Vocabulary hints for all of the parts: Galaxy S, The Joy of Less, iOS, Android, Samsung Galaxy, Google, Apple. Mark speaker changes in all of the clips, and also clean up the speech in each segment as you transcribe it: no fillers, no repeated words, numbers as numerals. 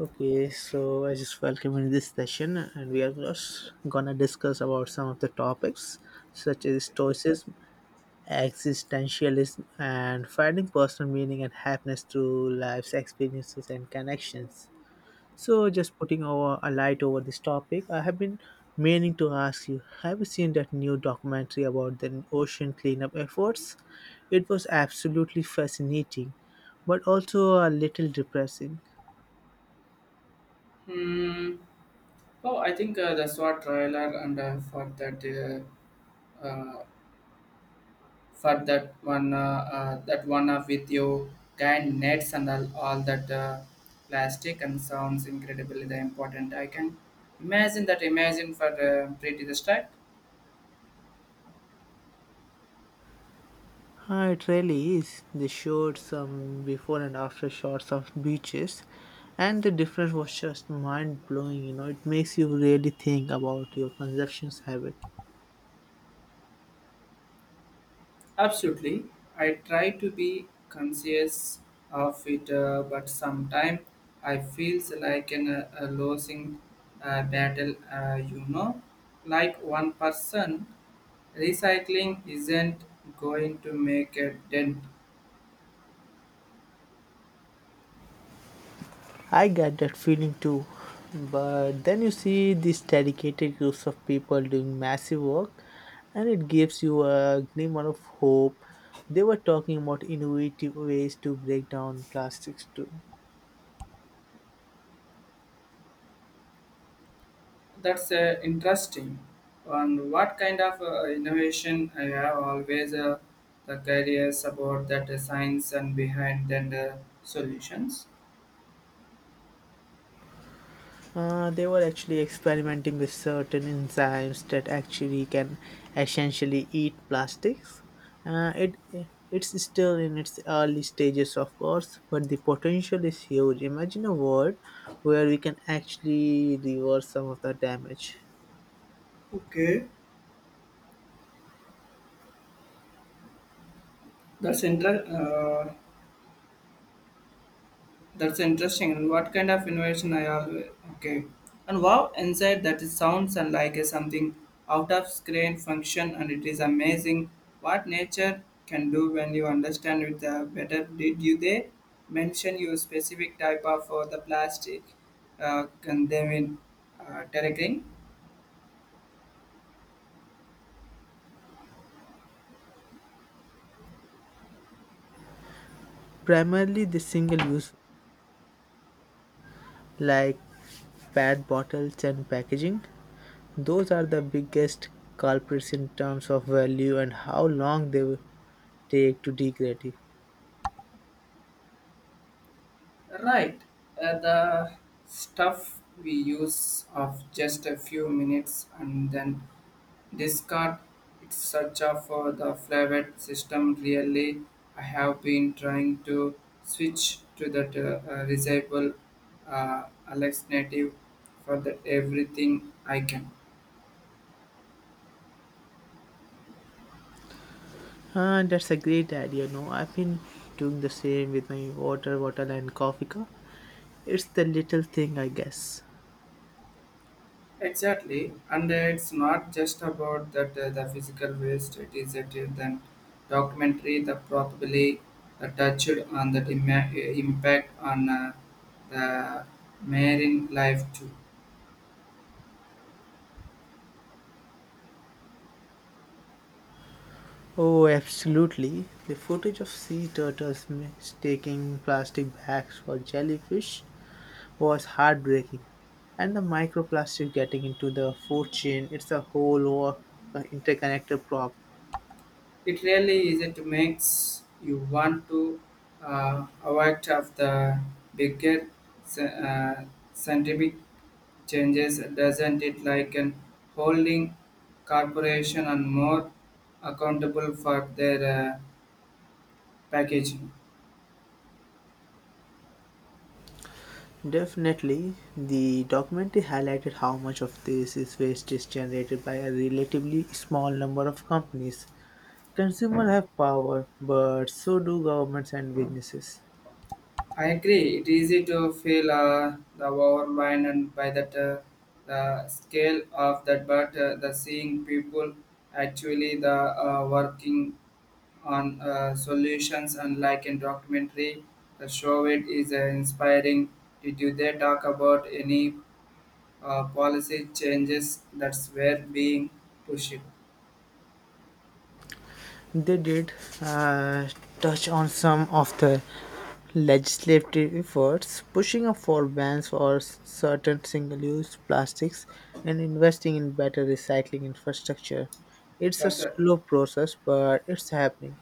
Speaker 1: Okay, so I just welcome in this session, and we are just gonna discuss about some of the topics such as stoicism, existentialism, and finding personal meaning and happiness through life's experiences and connections. So, just putting over a light over this topic, I have been meaning to ask you: Have you seen that new documentary about the ocean cleanup efforts? It was absolutely fascinating, but also a little depressing.
Speaker 2: Hmm. Oh, I think the SWAT trailer and uh, for that one with you kind nets and all that plastic and sounds incredibly the important. I can imagine for pretty the strike.
Speaker 1: It really is. They showed some before and after shots of beaches, and the difference was just mind blowing. You know, it makes you really think about your consumption's habit.
Speaker 2: Absolutely. I try to be conscious of it, but sometimes I feels like an, a losing battle, you know. Like one person, recycling isn't going to make a dent.
Speaker 1: I get that feeling too, but then you see these dedicated groups of people doing massive work, and it gives you a glimmer of hope. They were talking about innovative ways to break down plastics too.
Speaker 2: That's interesting. And what kind of innovation I have always the careers about that science and behind then the solutions.
Speaker 1: They were actually experimenting with certain enzymes that actually can essentially eat plastics. Uh, it it's still in its early stages, of course, but the potential is huge. Imagine a world where we can actually reverse some of the damage,
Speaker 2: Okay, that's inter- uh, that's interesting. And what kind of innovation I always okay. And wow, inside that it sounds and like a something out of screen function, and it is amazing what nature can do when you understand it better. Did you they mention your specific type of the plastic can they condemning terracotta?
Speaker 1: primarily the single-use, like PET bottles and packaging. Those are the biggest culprits in terms of value and how long they will take to degrade.
Speaker 2: Right, the stuff we use of just a few minutes and then discard its search for the flavoured system. Really, I have been trying to switch to that reciprocal uh, alternative for that everything I can.
Speaker 1: Ah, that's a great idea. No, I've been doing the same with my water bottle and coffee cup. It's the little thing, I guess.
Speaker 2: Exactly, and it's not just about that the physical waste. It is that then documentary that probably touched on that impact on the marine life too.
Speaker 1: Oh, absolutely. The footage of sea turtles mistaking plastic bags for jellyfish was heartbreaking. And the microplastic getting into the food chain, it's a whole war, interconnected problem.
Speaker 2: It really is. It makes you want to avoid of the bigger sci- uh, scientific changes, doesn't it? Like an holding corporation and more accountable for their uh, packaging.
Speaker 1: Definitely, the documentary highlighted how much of this is waste is generated by a relatively small number of companies. Consumers have power, but so do governments and businesses.
Speaker 2: I agree. It's easy to feel the overwhelmed and by that the scale of that, but the seeing people actually the working on solutions unlike in documentary the show it is inspiring did you they talk about any policy changes that's were being pushed
Speaker 1: They did uh, touch on some of the legislative efforts, pushing up for bans for certain single-use plastics and investing in better recycling infrastructure. It's a
Speaker 2: that's it.
Speaker 1: slow process, but it's happening.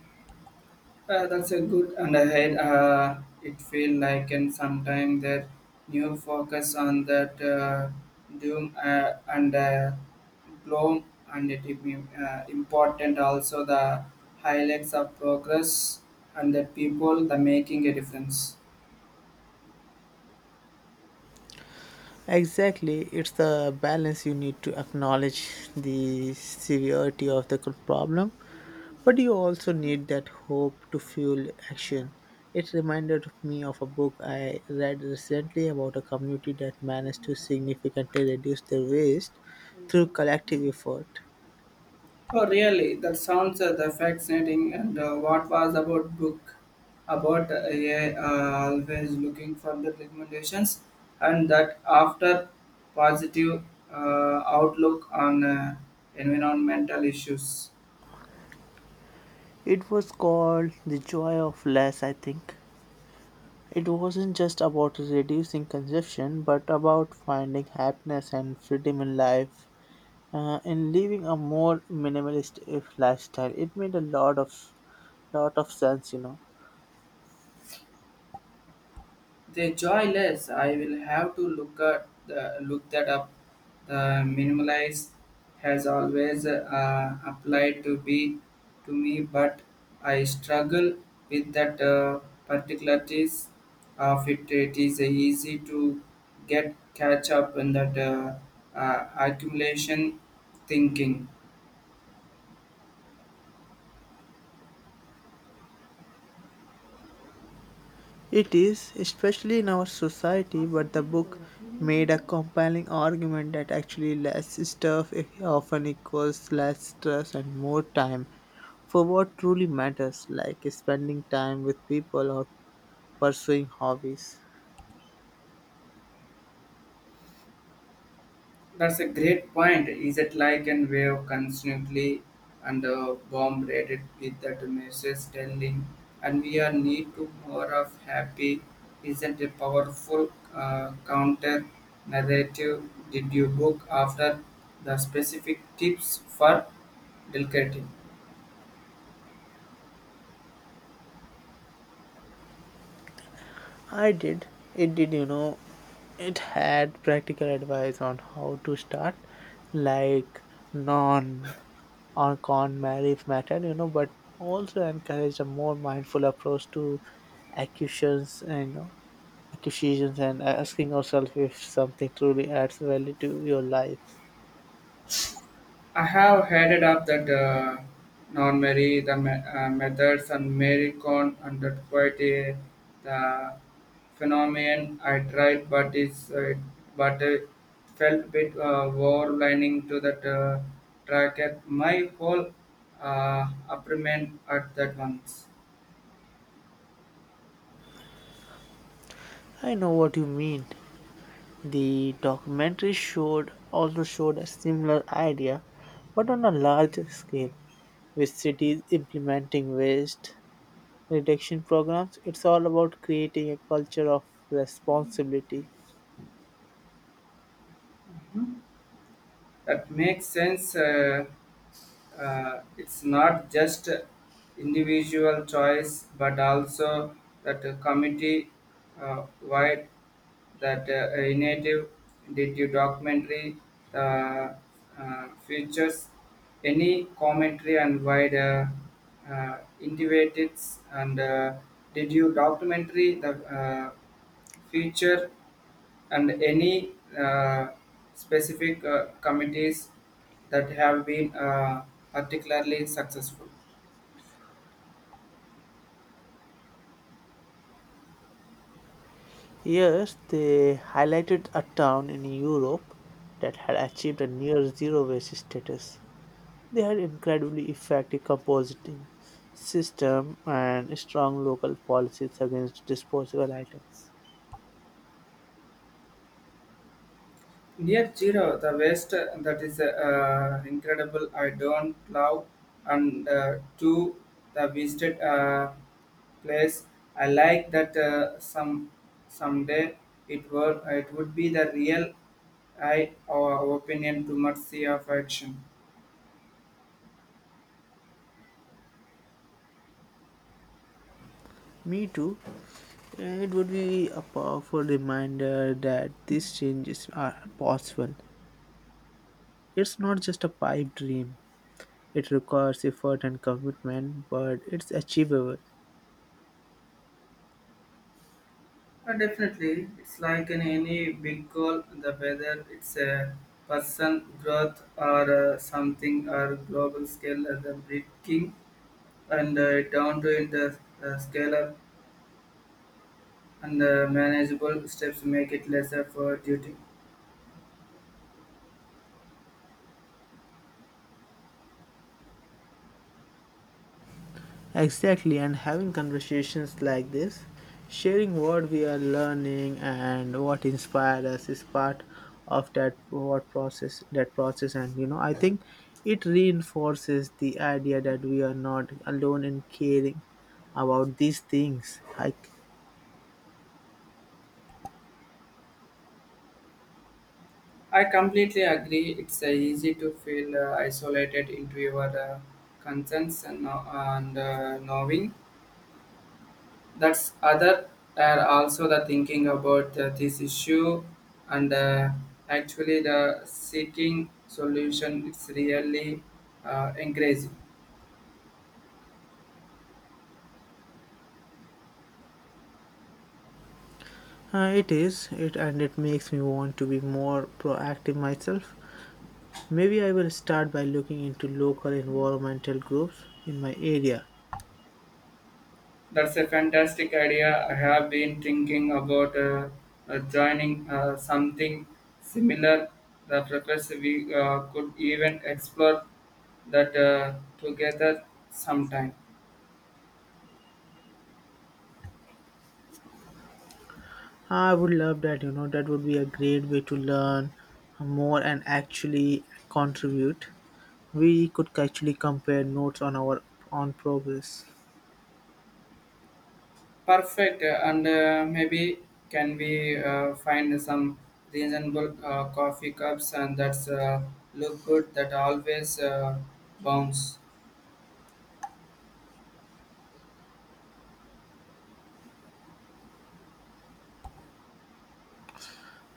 Speaker 2: That's a good and ahead. It feel like and sometime that new focus on that doom and gloom and it is important also the highlights of progress and the people the making a difference.
Speaker 1: Exactly, it's the balance you need to acknowledge the severity of the problem, but you also need that hope to fuel action. It reminded me of a book I read recently about a community that managed to significantly reduce their waste through collective effort.
Speaker 2: Oh, really? That sounds the fascinating. And what was about book about AI always looking for the recommendations and that after positive outlook on environmental issues.
Speaker 1: It was called The Joy of Less, I think. It wasn't just about reducing consumption, but about finding happiness and freedom in life and living a more minimalist if lifestyle. It made a lot of sense, you know.
Speaker 2: They're joyless. I will have to look look that up. The minimalize has always applied to be to me, but I struggle with that particularities of it. It is easy to get catch up in that accumulation thinking.
Speaker 1: It is, especially in our society, but the book made a compelling argument that actually less stuff often equals less stress and more time for what truly matters, like spending time with people or pursuing hobbies.
Speaker 2: That's a great point. Is it like an wave constantly and bombarded with that message telling, and we are need to more of happy? Isn't a powerful counter narrative? Did you book after the specific tips for delicating?
Speaker 1: I did. It did, you know. It had practical advice on how to start, like non or con marriage matter, you know, but also encouraged a more mindful approach to accusations and, you know, accusations and asking yourself if something truly adds value to your life.
Speaker 2: I have headed up that non-Mary, methods and Mary Con and that quite a the phenomenon I tried, but it felt bit war lining to that tracker. My whole apartment at that once.
Speaker 1: I know what you mean. The documentary showed also showed a similar idea, but on a larger scale, with cities implementing waste reduction programs. It's all about creating a culture of responsibility.
Speaker 2: That makes sense. It's not just individual choice, but also that the committee wide that initiative did you documentary uh, features any commentary and wide innovatives and did you documentary the uh, feature and any uh, specific committees that have been particularly successful.
Speaker 1: Yes, they highlighted a town in Europe that had achieved a near zero waste status. They had incredibly effective compositing system and strong local policies against disposable items.
Speaker 2: Near zero, the waste that is incredible. I don't love, and two, the visited place. I like that some someday it would be the real I our opinion to much sea of action.
Speaker 1: Me too. It would be a powerful reminder that these changes are possible. It's not just a pipe dream. It requires effort and commitment, but it's achievable.
Speaker 2: But definitely, it's like in any big goal, the whether it's a person growth or something or global scale, or the breaking and down to in the scalar and the manageable steps make it lesser for duty.
Speaker 1: Exactly, and having conversations like this, sharing what we are learning and what inspired us is part of that what process that process, and you know, I think it reinforces the idea that we are not alone in caring about these things. Like
Speaker 2: I completely agree. It's easy to feel isolated into your concerns and, no- and knowing that's other are also the thinking about this issue and actually the seeking solution is really encouraging.
Speaker 1: it and it makes me want to be more proactive myself. Maybe I will start by looking into local environmental groups in my area.
Speaker 2: That's a fantastic idea. I have been thinking about joining something similar. The professor we could even explore that together sometime.
Speaker 1: I would love that, you know, that would be a great way to learn more and actually contribute. We could actually compare notes on our on progress.
Speaker 2: Perfect, and maybe can we find some reasonable coffee cups and that's look good that always bounce.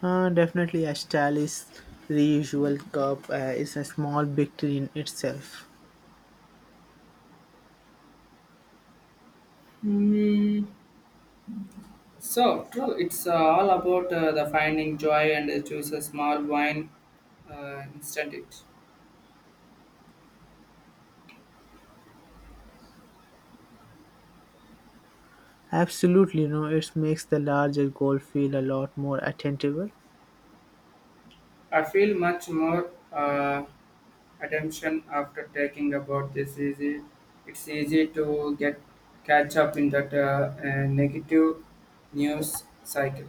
Speaker 1: Definitely, a stylish reusable cup is a small victory in itself.
Speaker 2: Hmm. So true. It's all about the finding joy and choose a small wine instant it.
Speaker 1: Absolutely, you know, it makes the larger goal feel a lot more attainable.
Speaker 2: I feel much more attention after taking about this easy. It's easy to get catch up in that negative news cycle.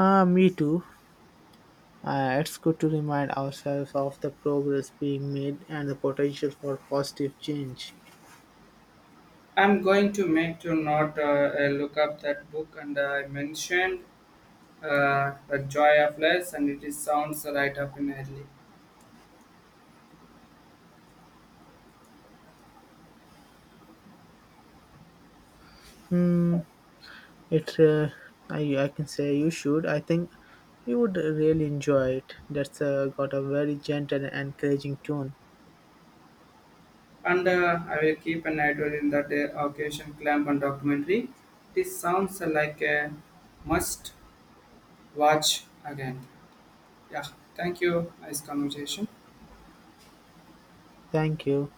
Speaker 1: Ah, me too. It's good to remind ourselves of the progress being made and the potential for positive change.
Speaker 2: I'm going to make to not look up that book and I mentioned the joy of less and it is sounds right up in early.
Speaker 1: It, uh, I can say you should. I think you would really enjoy it. That's got a very gentle and encouraging tone.
Speaker 2: And I will keep an eye in that occasion clamp and documentary. This sounds like a must watch again. Yeah, thank you. Nice conversation.
Speaker 1: Thank you.